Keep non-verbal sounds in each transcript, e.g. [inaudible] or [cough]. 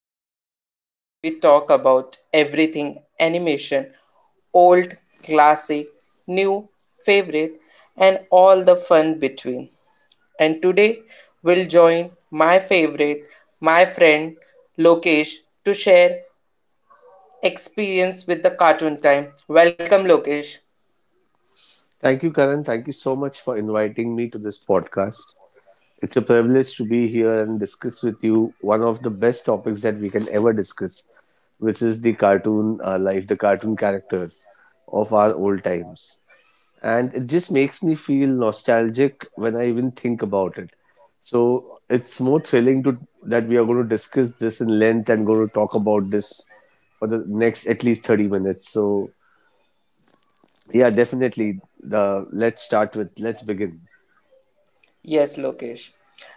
broadcast where we talk about everything animation: old, classic, new, favorite, and all the fun between. And today we'll join my favorite, my friend Lokesh, to share experience with the Cartoon Time. Welcome, Lokesh. Thank you, Karan. Thank you so much for inviting me to this podcast. It's a privilege to be here and discuss with you one of the best topics that we can ever discuss, which is the cartoon life, the cartoon characters of our old times. And it just makes me feel nostalgic when I even think about it. So it's more thrilling to that we are going to discuss this in length and going to talk about this for the next at least 30 minutes. So yeah, definitely. Let's begin. Yes, Lokesh.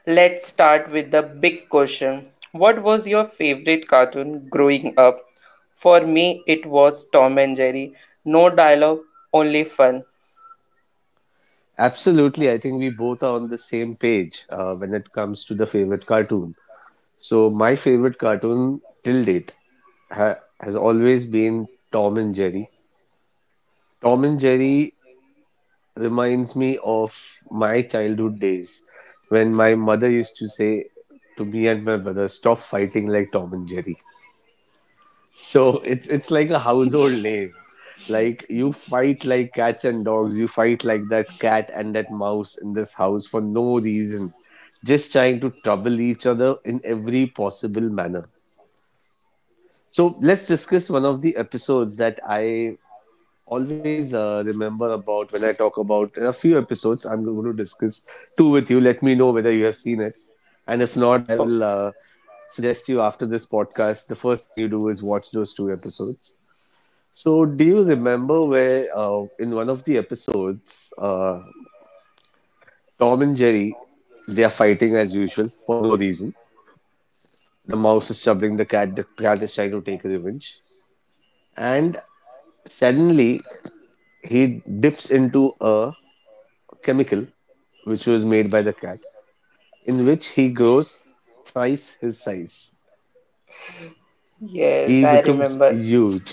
Let's start with the big question. What was your favorite cartoon growing up? For me, it was Tom and Jerry. No dialogue, only fun. Absolutely. I think we both are on the same page when it comes to the favorite cartoon. So, my favorite cartoon till date has always been Tom and Jerry. Tom and Jerry reminds me of my childhood days when my mother used to say to me and my brother, stop fighting like Tom and Jerry. So it's like a household name. Like you fight like cats and dogs, you fight like that cat and that mouse in this house for no reason, just trying to trouble each other in every possible manner. So let's discuss one of the episodes that I always remember about when I talk about in a few episodes. I'm going to discuss two with you. Let me know whether you have seen it, and if not, I Oh, will suggest you after this podcast. The first thing you do is watch those two episodes. So, do you remember where in one of the episodes, Tom and Jerry they are fighting as usual for no reason. The mouse is troubling the cat. The cat is trying to take revenge, and suddenly he dips into a chemical which was made by the cat, in which he grows thrice his size. yes, He I becomes remember. huge.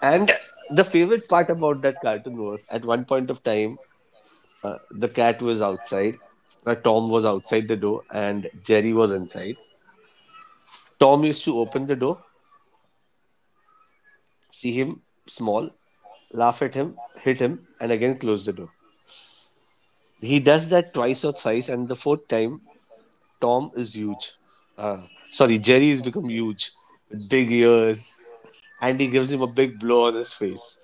And the favorite part about that cartoon was at one point of time, the cat was outside, Tom was outside the door, and Jerry was inside. Tom used to open the door, see him small, laugh at him, hit him, and again close the door. He does that twice or thrice, and the fourth time, Tom is huge. Sorry, Jerry has become huge with big ears, and he gives him a big blow on his face.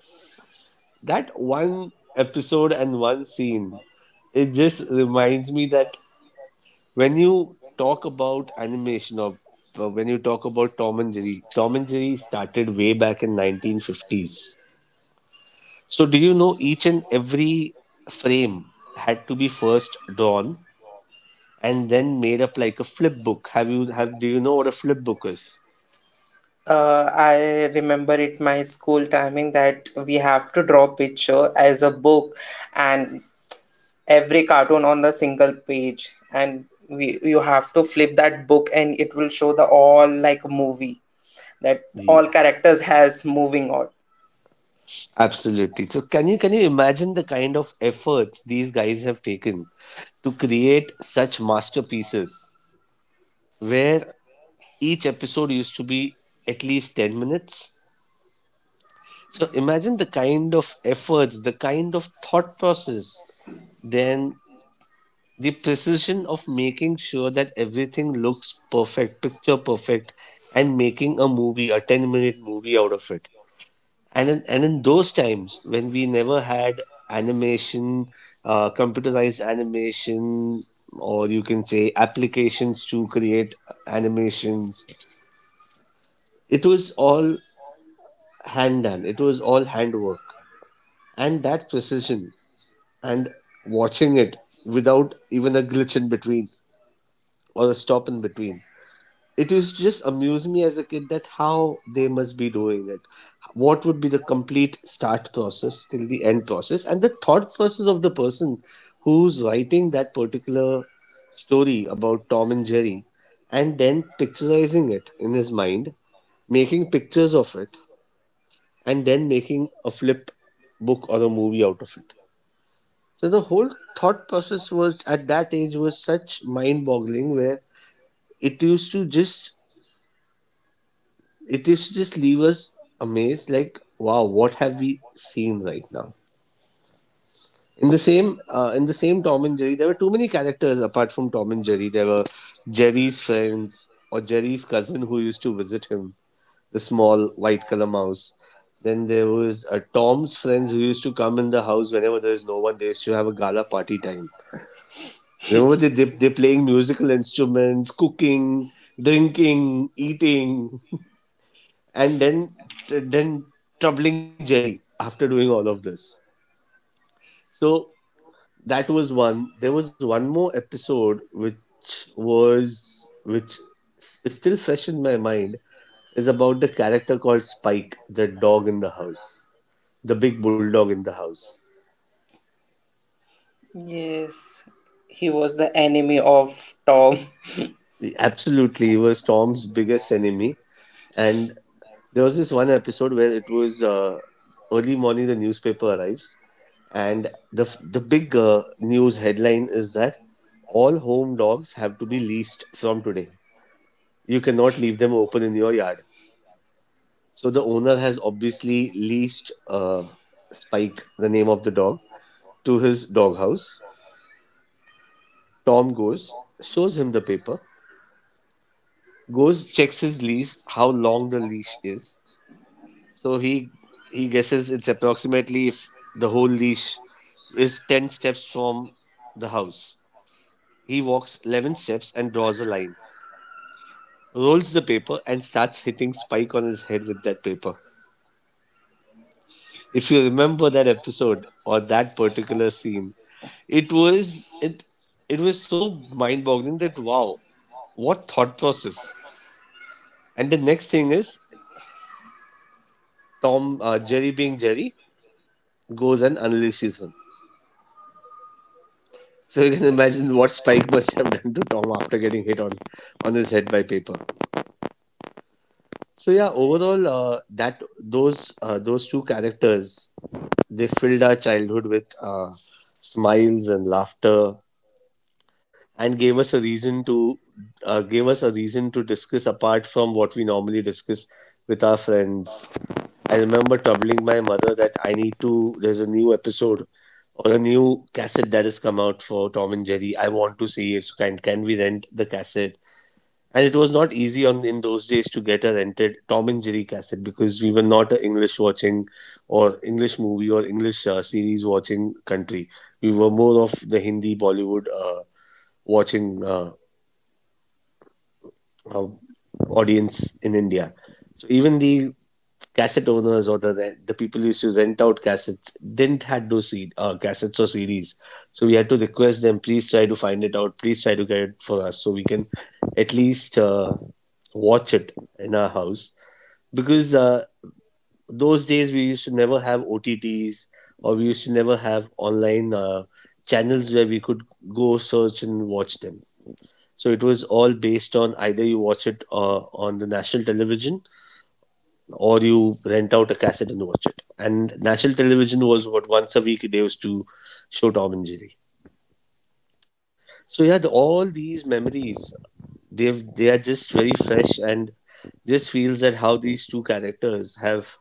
That one episode and one scene, it just reminds me that when you talk about animation or when you talk about Tom and Jerry, Tom and Jerry started way back in 1950s. So do you know each and every frame had to be first drawn and then made up like a flip book? Have do you know what a flip book is? I remember it my school timing that we have to draw picture as a book, and every cartoon on the single page, and we you have to flip that book and it will show the all like movie that all Yeah. characters has moving on. Absolutely. So can you imagine the kind of efforts these guys have taken to create such masterpieces where each episode used to be at least 10 minutes? So imagine the kind of efforts, the kind of thought process, then the precision of making sure that everything looks perfect, picture perfect, and making a movie, a 10-minute movie out of it. And in those times when we never had animation computerized animation or you can say applications to create animations, it was all hand done, it was all handwork. And that precision and watching it without even a glitch in between or a stop in between, it used to just amuse me as a kid that how they must be doing it, what would be the complete start process till the end process and the thought process of the person who's writing that particular story about Tom and Jerry and then picturizing it in his mind, making pictures of it and then making a flip book or a movie out of it. So the whole thought process was at that age was such mind boggling where it used to just it is just leave us amazed like wow, what have we seen right now. In the same Tom and Jerry there were too many characters. Apart from Tom and Jerry there were Jerry's friends or Jerry's cousin who used to visit him, the small white color mouse. Then there was Tom's friends who used to come in the house whenever there is no one. They used to have a gala party time. Remember, they're playing musical instruments, cooking, drinking, eating, and then then troubling Jerry after doing all of this. So that was one. There was one more episode which is still fresh in my mind, is about the character called Spike, the dog in the house, the big bulldog in the house. Yes, he was the enemy of Tom. Absolutely, he was Tom's biggest enemy, and there was this one episode where it was early morning, the newspaper arrives, and the big news headline is that all home dogs have to be leased from today. You cannot leave them open in your yard. So the owner has obviously leased Spike, the name of the dog, to his doghouse. Tom goes, shows him the paper, goes, checks his lease, how long the leash is. So he guesses it's approximately if the whole leash is 10 steps from the house. He walks 11 steps and draws a line, rolls the paper, and starts hitting Spike on his head with that paper. If you remember that episode or that particular scene, it was it it was so mind-boggling that wow, what thought process! And the next thing is Tom Jerry being Jerry goes and unleashes him. So you can imagine what Spike [laughs] must have done to Tom after getting hit on his head by paper. So yeah, overall, that those two characters, they filled our childhood with smiles and laughter, and gave us a reason to discuss apart from what we normally discuss with our friends. I remember troubling my mother that I need to. There's a new episode or a new cassette that has come out for Tom and Jerry. I want to see it. So can we rent the cassette? And it was not easy on in those days to get a rented Tom and Jerry cassette because we were not an English watching or English movie or English series watching country. We were more of the Hindi Bollywood watching uh, audience in India. So even the cassette owners or the people who used to rent out cassettes didn't had no CD, cassettes or CDs. So we had to request them, please try to find it out. Please try to get it for us so we can at least watch it in our house. Because those days we used to never have OTTs or we used to never have online channels where we could go search and watch them. So it was all based on either you watch it on the national television or you rent out a cassette and watch it. And national television was what once a week they used to show Tom and Jerry. So yeah, all these memories, they are just very fresh and just feels that how these two characters have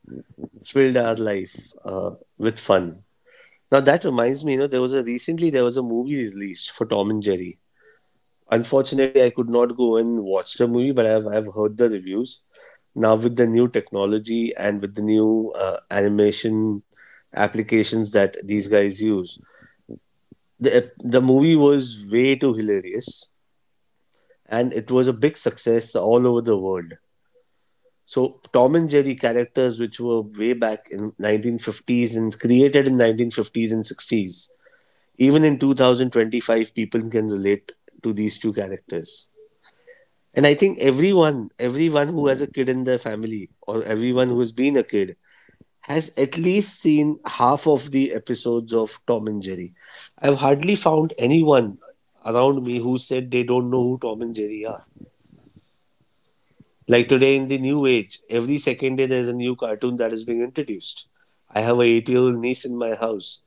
filled our life with fun. Now that reminds me, you know, there was a movie released for Tom and Jerry. Unfortunately, I could not go and watch the movie, but I've heard the reviews. Now with the new technology and with the new animation applications that these guys use, the movie was way too hilarious, and it was a big success all over the world. So Tom and Jerry characters, which were way back in 1950s and created in 1950s and 60s, even in 2025, people can relate to these two characters. And I think everyone, everyone who has a kid in their family or everyone who has been a kid has at least seen half of the episodes of Tom and Jerry. I've hardly found anyone around me who said they don't know who Tom and Jerry are. Like today in the new age, every second day there's a new cartoon that is being introduced. I have a 8 year old niece in my house.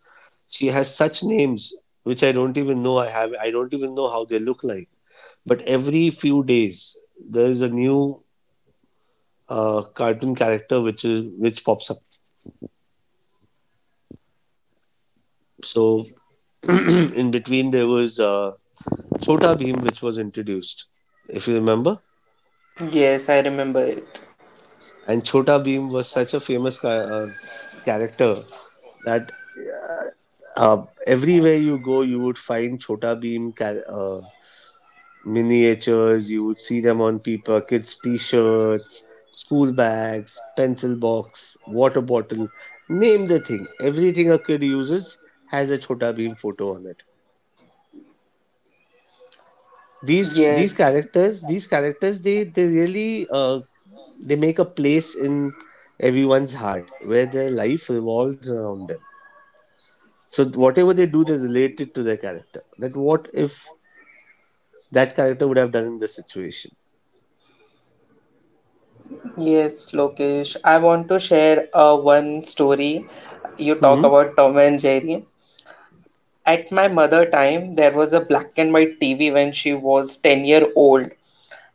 She has such names which I don't even know I have. I don't even know how they look like. But every few days, there is a new cartoon character which pops up. So [clears throat] in between there was Chota Bheem which was introduced, if you remember. Yes, I remember it. And Chota Bheem was such a famous character that everywhere you go you would find Chota Bheem. Miniatures. You would see them on people, kids' t-shirts, school bags, pencil box, water bottle. Name the thing. Everything a kid uses has a Chota Bheem photo on it. These these Yes. characters, these characters, they really they make a place in everyone's heart where their life revolves around them. So whatever they do, they're related to their character. That what if that character would have done in this situation? Yes, Lokesh, I want to share a one story. You talk Hmm about Tom and Jerry. At my mother time there was a black and white TV when she was 10-year old,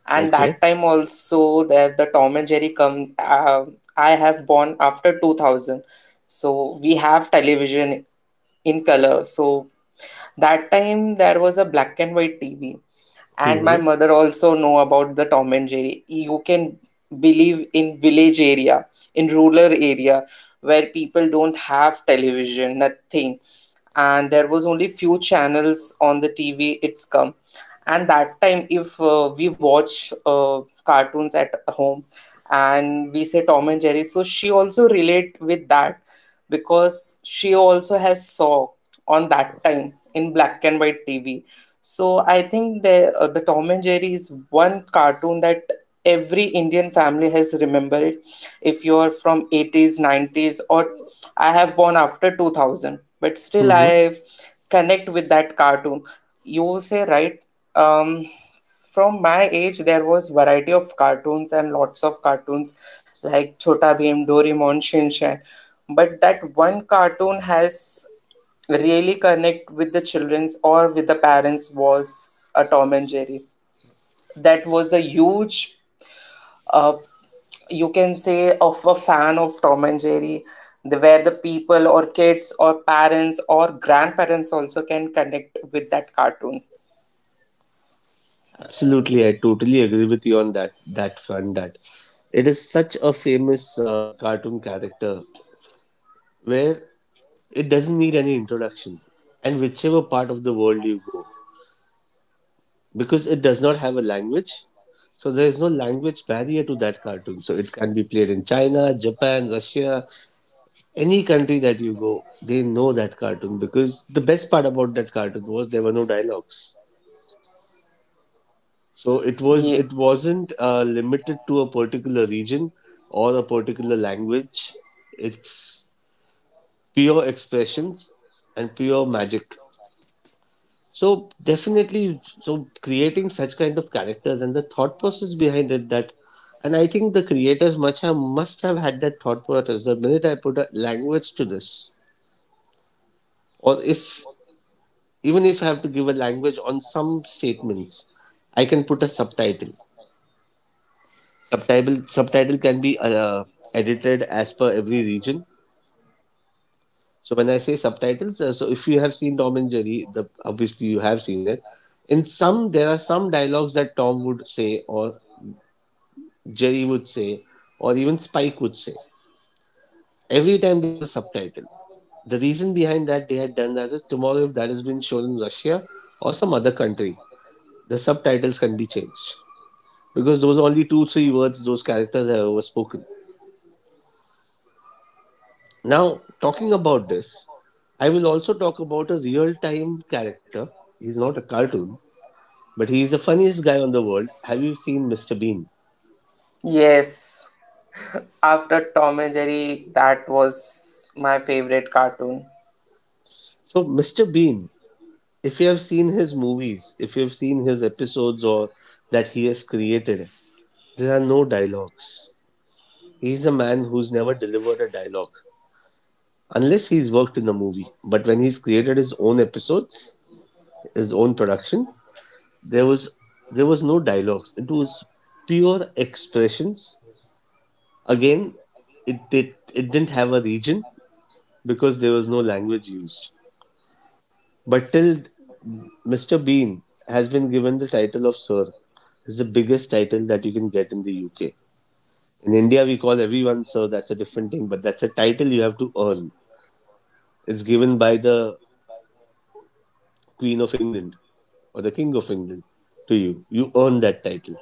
and Okay. that time also there the Tom and Jerry come. I have born after 2000, so we have television in color. So that time there was a black and white TV, and my hmm mother also know about the Tom and Jerry. You can believe in village area, in rural area, where people don't have television, nothing. And there was only few channels on the TV it's come. And that time if we watch cartoons at home and we say Tom and Jerry, so she also relate with that because she also has saw on that time in black and white TV. So I think the Tom and Jerry is one cartoon that every Indian family has remembered it. If you are from 80s, 90s, or I have born after 2000, but still I connect with that cartoon. You say right. Um, from my age there was variety of cartoons and lots of cartoons like Chota bhim doraemon, Shinchan, but that one cartoon has really connect with the childrens or with the parents was a Tom and Jerry. That was the huge, uh, you can say, of a fan of Tom and Jerry, where the people or kids or parents or grandparents also can connect with that cartoon. Absolutely, I totally agree with you on that front. That it is such a famous cartoon character where it doesn't need any introduction, and whichever part of the world you go, because it does not have a language, so there is no language barrier to that cartoon. So it can be played in China, Japan, Russia, any country that you go, they know that cartoon because the best part about that cartoon was there were no dialogues. So it was Ye- it wasn't limited to a particular region or a particular language. It's pure expressions and pure magic. So definitely, so creating such kind of characters and the thought process behind it that, and I think the creators must have had that thought process. The minute I put a language to this, or if even if I have to give a language on some statements, I can put a subtitle. Subtitle can be edited as per every region. So when I say subtitles, so if you have seen Tom and Jerry, the obviously you have seen it in some, there are some dialogues that Tom would say, or Jerry would say, or even Spike would say, every time there was a subtitle. The reason behind that they had done that is tomorrow if that has been shown in Russia or some other country, the subtitles can be changed, because those are only two three words those characters have ever spoken. Now, talking about this, I will also talk about a real time character. He's not a cartoon, but he's the funniest guy on the world. Have you seen Mr. Bean? yes, after Tom and Jerry, that was my favorite cartoon. So, Mr. Bean, if you have seen his movies, if you have seen his episodes or that he has created, there are no dialogues. He's a man who's never delivered a dialogue unless he's worked in a movie. But when he's created his own episodes, his own production, there was there was no dialogues. It was pure expressions. Again, it didn't have a region because there was no language used. But till Mr. Bean has been given the title of Sir. It's the biggest title that you can get in the UK. In India, we call everyone Sir. That's a different thing, but that's a title you have to earn. It's given by the Queen of England or the King of England to you. You earn that title.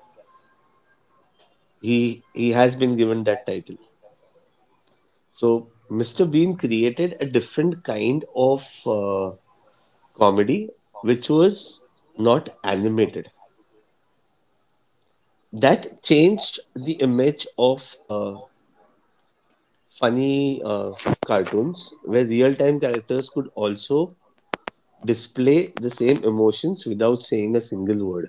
He has been given that title. So Mr. Bean created a different kind of comedy, which was not animated. That changed the image of funny cartoons where real time characters could also display the same emotions without saying a single word.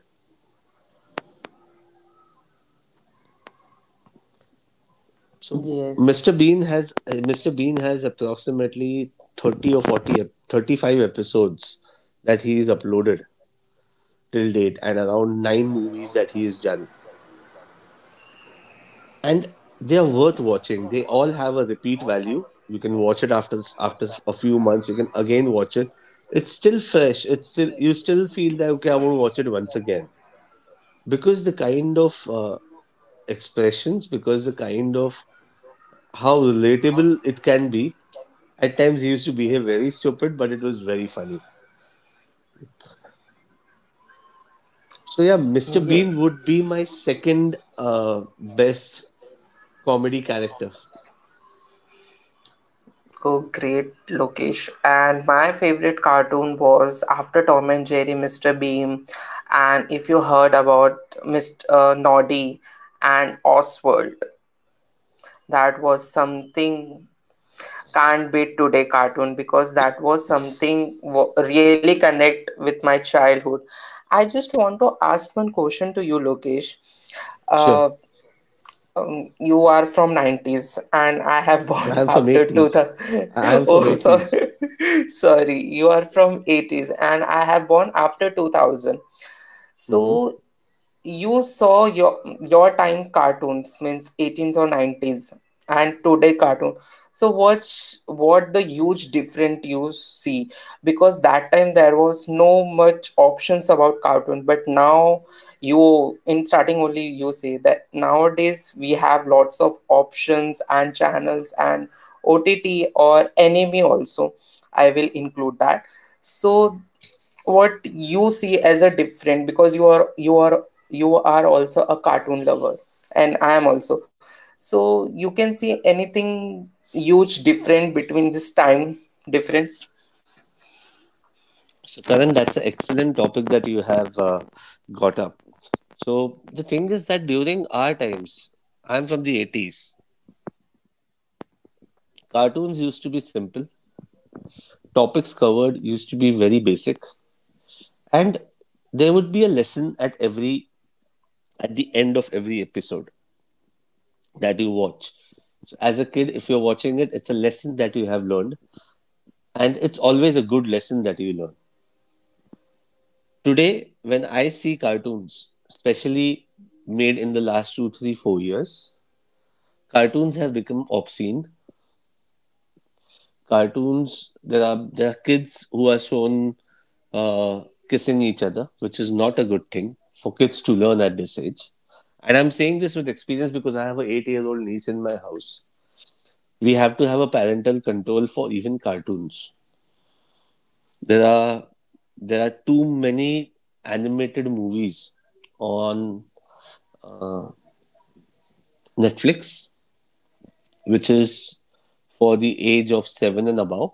So Yes. Mr. Bean has approximately 30 or 40 35 episodes that he is uploaded till date and around 9 movies that he has done, and they are worth watching. They all have a repeat value. You can watch it after a few months. You can again watch it. It's still fresh. It's still you still feel that okay, I want to watch it once again because the kind of expressions, because the kind of how relatable it can be. At times he used to behave very stupid, but it was very funny. So yeah, Mr. Yeah. Bean would be my second best comedy character. Oh, great, Lokesh. And my favorite cartoon was, after Tom and Jerry, Mr. Beam. And if you heard about Mr. Noddy and Oswald, that was something can't beat today cartoon because that was something really connect with my childhood. I just want to ask one question to you, Lokesh. Uh, Sure. You are from 90s and I have [laughs] I born am from after eighties. 2000. I am [laughs] from Oh, so eighties. [laughs] sorry, you are from 80s and I have born after 2000, Hmm so you saw your time cartoons, means 18s or 90s, and today cartoon. So watch what the huge different you see, because that time there was no much options about cartoon, but now you in starting only you say that nowadays we have lots of options and channels and OTT or anime also, I will include that. So what you see as a different, because you are you are also a cartoon lover and I am also. So you can see anything huge different between this time difference? So, Karan, that's an excellent topic that you have got up. So, the thing is that during our times, I'm from the 80s, cartoons used to be simple, topics covered used to be very basic, and there would be a lesson at every at the end of every episode that you watch. So, as a kid, if you're watching it, it's a lesson that you have learned, and it's always a good lesson that you learn. Today, when I see cartoons, especially made in the last two, three, 4 years, cartoons have become obscene. Cartoons, there are kids who are shown uh, kissing each other, which is not a good thing for kids to learn at this age. And I'm saying this with experience because I have an eight-year-old niece in my house. We have to have a parental control for even cartoons. There are there are too many animated movies on uh, Netflix, which is for the age of seven and above.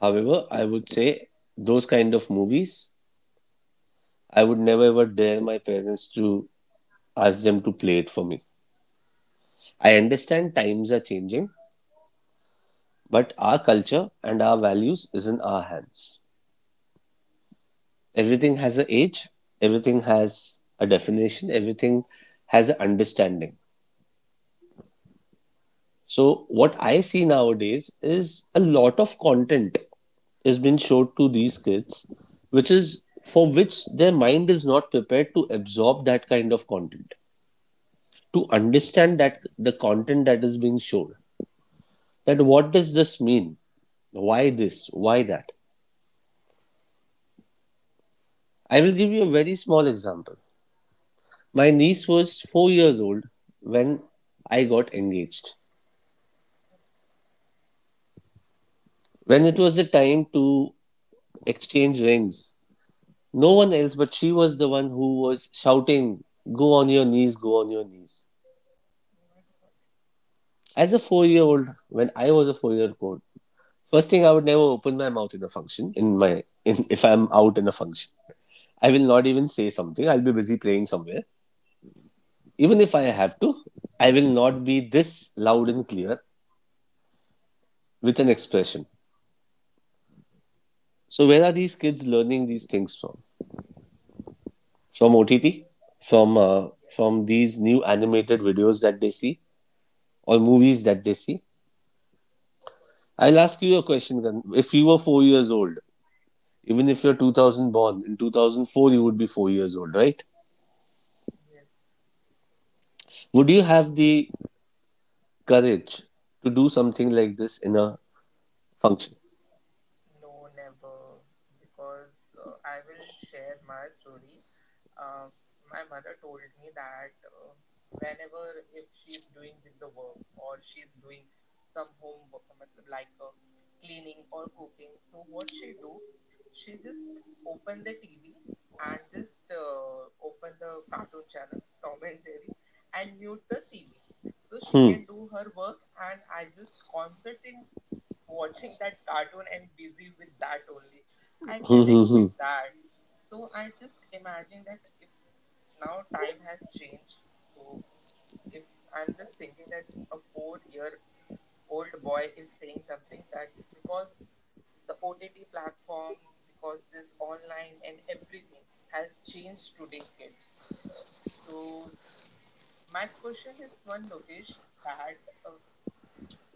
However, I would say those kind of movies, I would never ever dare my parents to ask them to play it for me. I understand times are changing, but our culture and our values is in our hands. Everything has an age, everything has a definition, everything has an understanding. So what I see nowadays is a lot of content is being showed to these kids, which is for which their mind is not prepared to absorb that kind of content, to understand that the content that is being shown, that what does this mean, why this, why that. I will give you a very small example. My niece was 4 years old when I got engaged. When it was the time to exchange rings, no one else but she was the one who was shouting, go on your knees, go on your knees, as a 4-year old. When I was a 4-year old, first thing, I would never open my mouth in a function, if I'm out in a function, I will not even say something. I'll be busy playing somewhere. Even if I have to, I will not be this loud and clear with an expression. So where are these kids learning these things from? From OTT? From these new animated videos that they see or movies that they see? I'll ask you a question. If you were 4 years old, even if you're 2000 born in 2004, you would be 4 years old, right? Would you have the courage to do something like this in a function? So I will share my story. Uh, my mother told me that whenever if she's doing with the work or she's doing some homework, matlab like cleaning or cooking, so what she do, she just open the TV and just open the cartoon channel [laughs] Tom and Jerry, and mute the TV, so she Hmm. [laughs] can do her work and I just concentrate watching that cartoon and busy with that only. Hmm. I Hmm. Hmm. connect with Hmm. that. So I just imagine that if now time has changed, so if I'm just thinking that a 4-year old boy is saying something that, because the OTT platform, because this online and everything has changed today kids. So my question is one, Lokesh, that uh,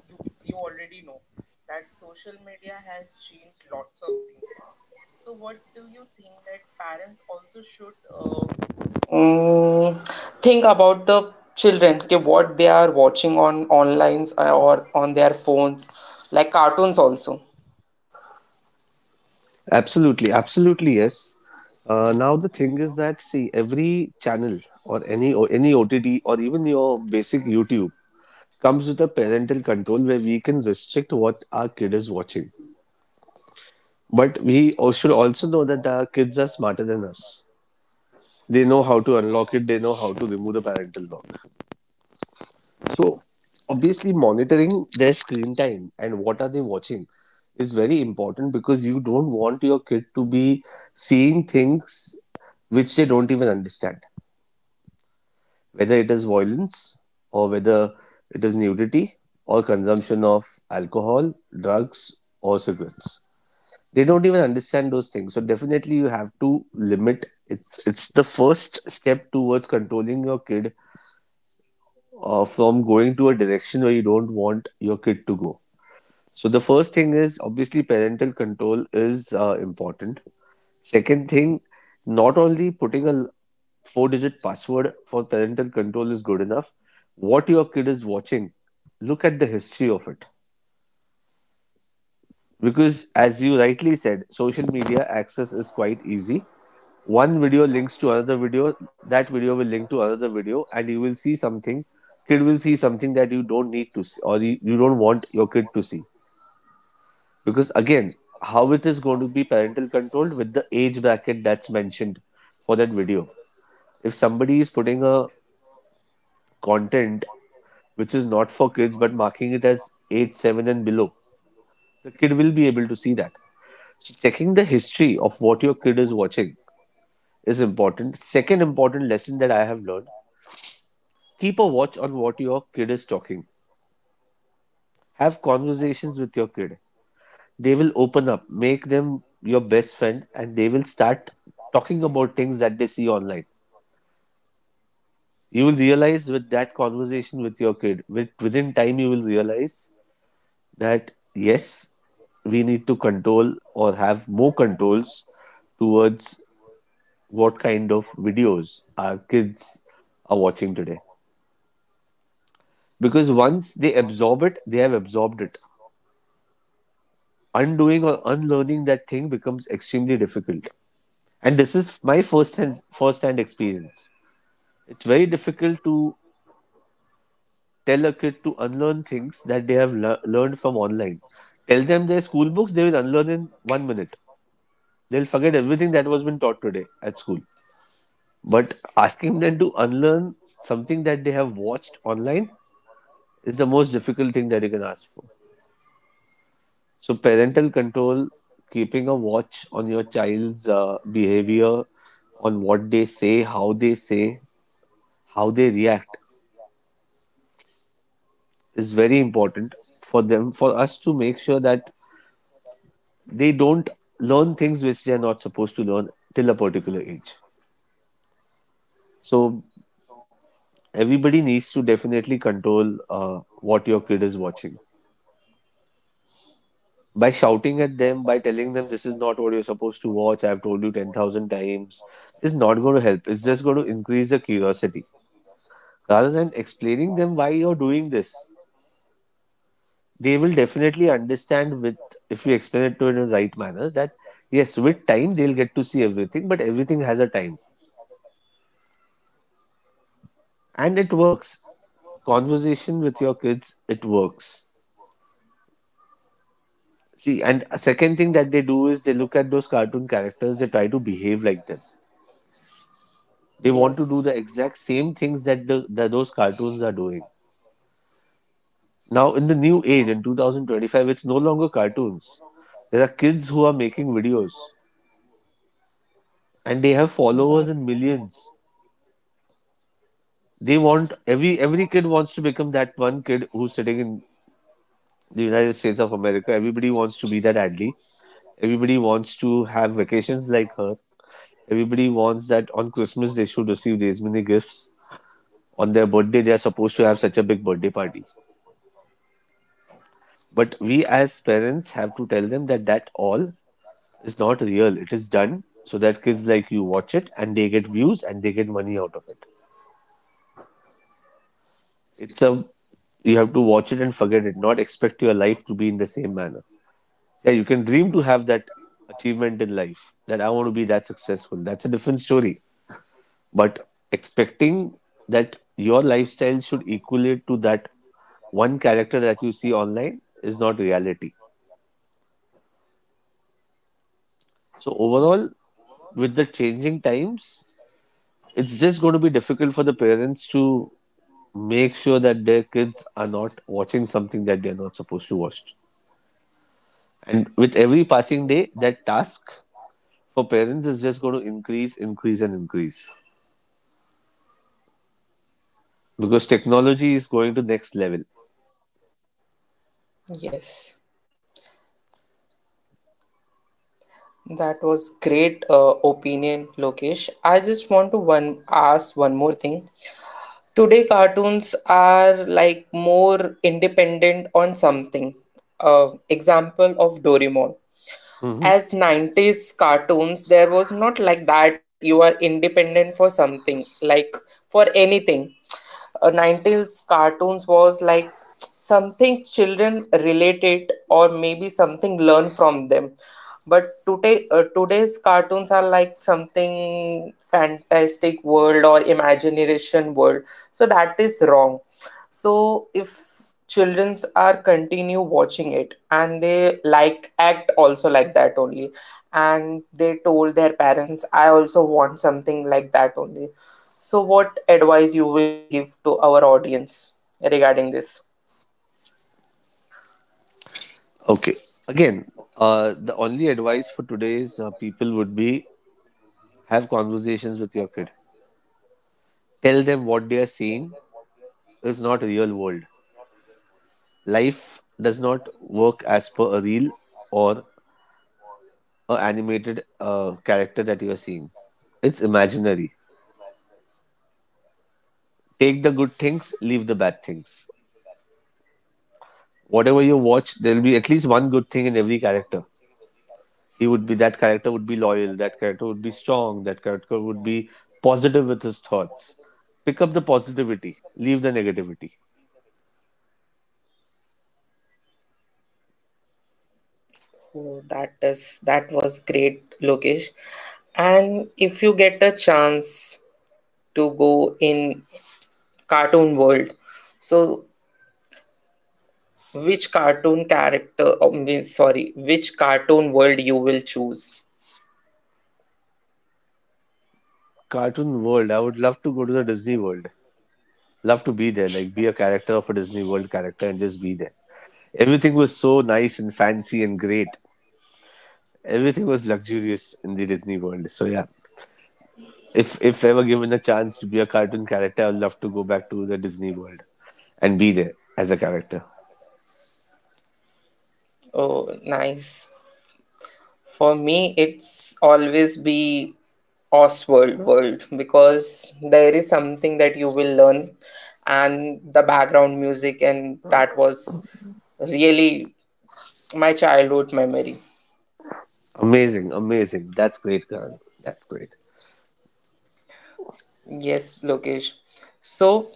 you, you already know that social media has changed lots of things. So, what do you think that parents also should, mm, think about the children, okay, what they are watching on online or on their phones, like cartoons also? Absolutely, absolutely, yes. Now the thing is that see every channel or any OTT or even your basic YouTube comes with a parental control where we can restrict what our kid is watching. But we should also know that our kids are smarter than us. They know how to unlock it. They know how to remove the parental lock. So obviously monitoring their screen time and what are they watching is very important because you don't want your kid to be seeing things which they don't even understand, whether it is violence or whether it is nudity or consumption of alcohol, drugs or cigarettes. They don't even understand those things. So definitely you have to limit. It's the first step towards controlling your kid from going to a direction where you don't want your kid to go. So the first thing is obviously parental control is important. Second thing, not only putting a four digit password for parental control is good enough. What your kid is watching, look at the history of it. Because as you rightly said, social media access is quite easy. One video links to another video, that video will link to another video, and you will see something. Kid will see something that you don't need to see, or you don't want your kid to see. Because again, how it is going to be parental controlled with the age bracket that's mentioned for that video, if somebody is putting a content which is not for kids but marking it as age 7 and below, the kid will be able to see that. So checking the history of what your kid is watching is important. Second important lesson that I have learned, keep a watch on what your kid is talking. Have conversations with your kid. They will open up. Make them your best friend and they will start talking about things that they see online. You will realize with that conversation with your kid, within time you will realize that yes, we need to control or have more controls towards what kind of videos our kids are watching today. Because once they absorb it, they have absorbed it. Undoing or unlearning that thing becomes extremely difficult, and this is my first hand experience. It's very difficult to tell a kid to unlearn things that they have learned from online. Tell them their school books, they will unlearn in 1 minute. They'll forget everything that was been taught today at school. But asking them to unlearn something that they have watched online is the most difficult thing that you can ask for. So, parental control, keeping a watch on your child's behavior, on what they say, how they say, how they react is very important for them, for us to make sure that they don't learn things which they're not supposed to learn till a particular age. So everybody needs to definitely control what your kid is watching by shouting at them, by telling them this is not what you're supposed to watch. I've told you 10,000 times. Is not going to help. It's just going to increase the curiosity rather than explaining them why you're doing this. They will definitely understand with if you explain it to it in the right manner that yes, with time they'll get to see everything, but everything has a time and it works. Conversation with your kids, it works. See, and a second thing that they do is they look at those cartoon characters, they try to behave like them. They want to do Yes, the exact same things that the that those cartoons are doing. Now in the new age, in 2025, it's no longer cartoons. There are kids who are making videos and they have that followers in millions. They want, every kid wants to become that one kid who's sitting in the United States of America. Everybody wants to be that Adley. Everybody wants to have vacations like her. Everybody wants that on Christmas they should receive these many gifts. On their birthday, they are supposed to have such a big birthday party. But we as parents have to tell them that all is not real. It is done so that kids like you watch it and they get views and they get money out of it. It's a, you have to watch it and forget it, not expect your life to be in the same manner. Yeah, you can dream to have that achievement in life, that I want to be that successful. That's a different story. But expecting that your lifestyle should equate to that one character that you see online is not reality. So overall, with the changing times, it's just going to be difficult for the parents to make sure that their kids are not watching something that they're not supposed to watch. And with every passing day, that task for parents is just going to increase, increase, and increase because technology is going to next level. yes, that was great opinion, Lokesh. I just want to one ask one more thing. Today cartoons are like more independent on something, uh, example of Doraemon. Mm-hmm. As 90s cartoons there was not like that you are independent for something, like for anything. 90s cartoons was like something children related or maybe something learned from them, but today, today's cartoons are like something fantastic world or imagination world. So that is wrong. So if childrens are continue watching it and they like act also like that only, and they told their parents I also want something like that only, so what advice you will give to our audience regarding this? Okay. Again, the only advice for today's people would be have conversations with your kid. Tell them what they are seeing is not real world. Life does not work as per a reel or a animated character that you are seeing. It's imaginary. Take the good things, leave the bad things. Whatever you watch, there will be at least one good thing in every character. He would be, that character would be loyal, that character would be strong, that character would be positive with his thoughts. Pick up the positivity, leave the negativity. Oh, that is that was great, Lokesh. And if you get a chance to go in cartoon world, so which cartoon character? Oh, means sorry, which cartoon world you will choose? Cartoon world, I would love to go to the Disney world. Love to be there, like be a character of a Disney world character and just be there. Everything was so nice and fancy and great. Everything was luxurious in the Disney world. So yeah, if ever given a chance to be a cartoon character, I would love to go back to the Disney world and be there as a character. Oh, nice. For me, it's always be Oswald world, because there is something that you will learn, and the background music, and that was really my childhood memory. Amazing, amazing. That's great, Karan. That's great. Yes, Lokesh. So,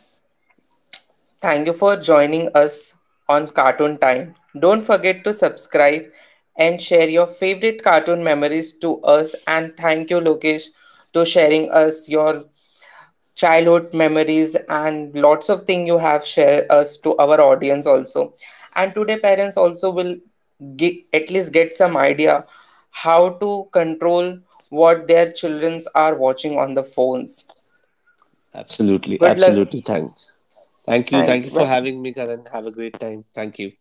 thank you for joining us on Cartoon Time. Don't forget to subscribe and share your favorite cartoon memories to us. And thank you, Lokesh, to sharing us your childhood memories and lots of things you have shared us to our audience also. And today parents also will at least get some idea how to control what their childrens are watching on the phones. Absolutely, Good luck. absolutely. Thanks. Thank you. Thank Thank you you. for having Bye. me, Karan. Have a great time. Thank you.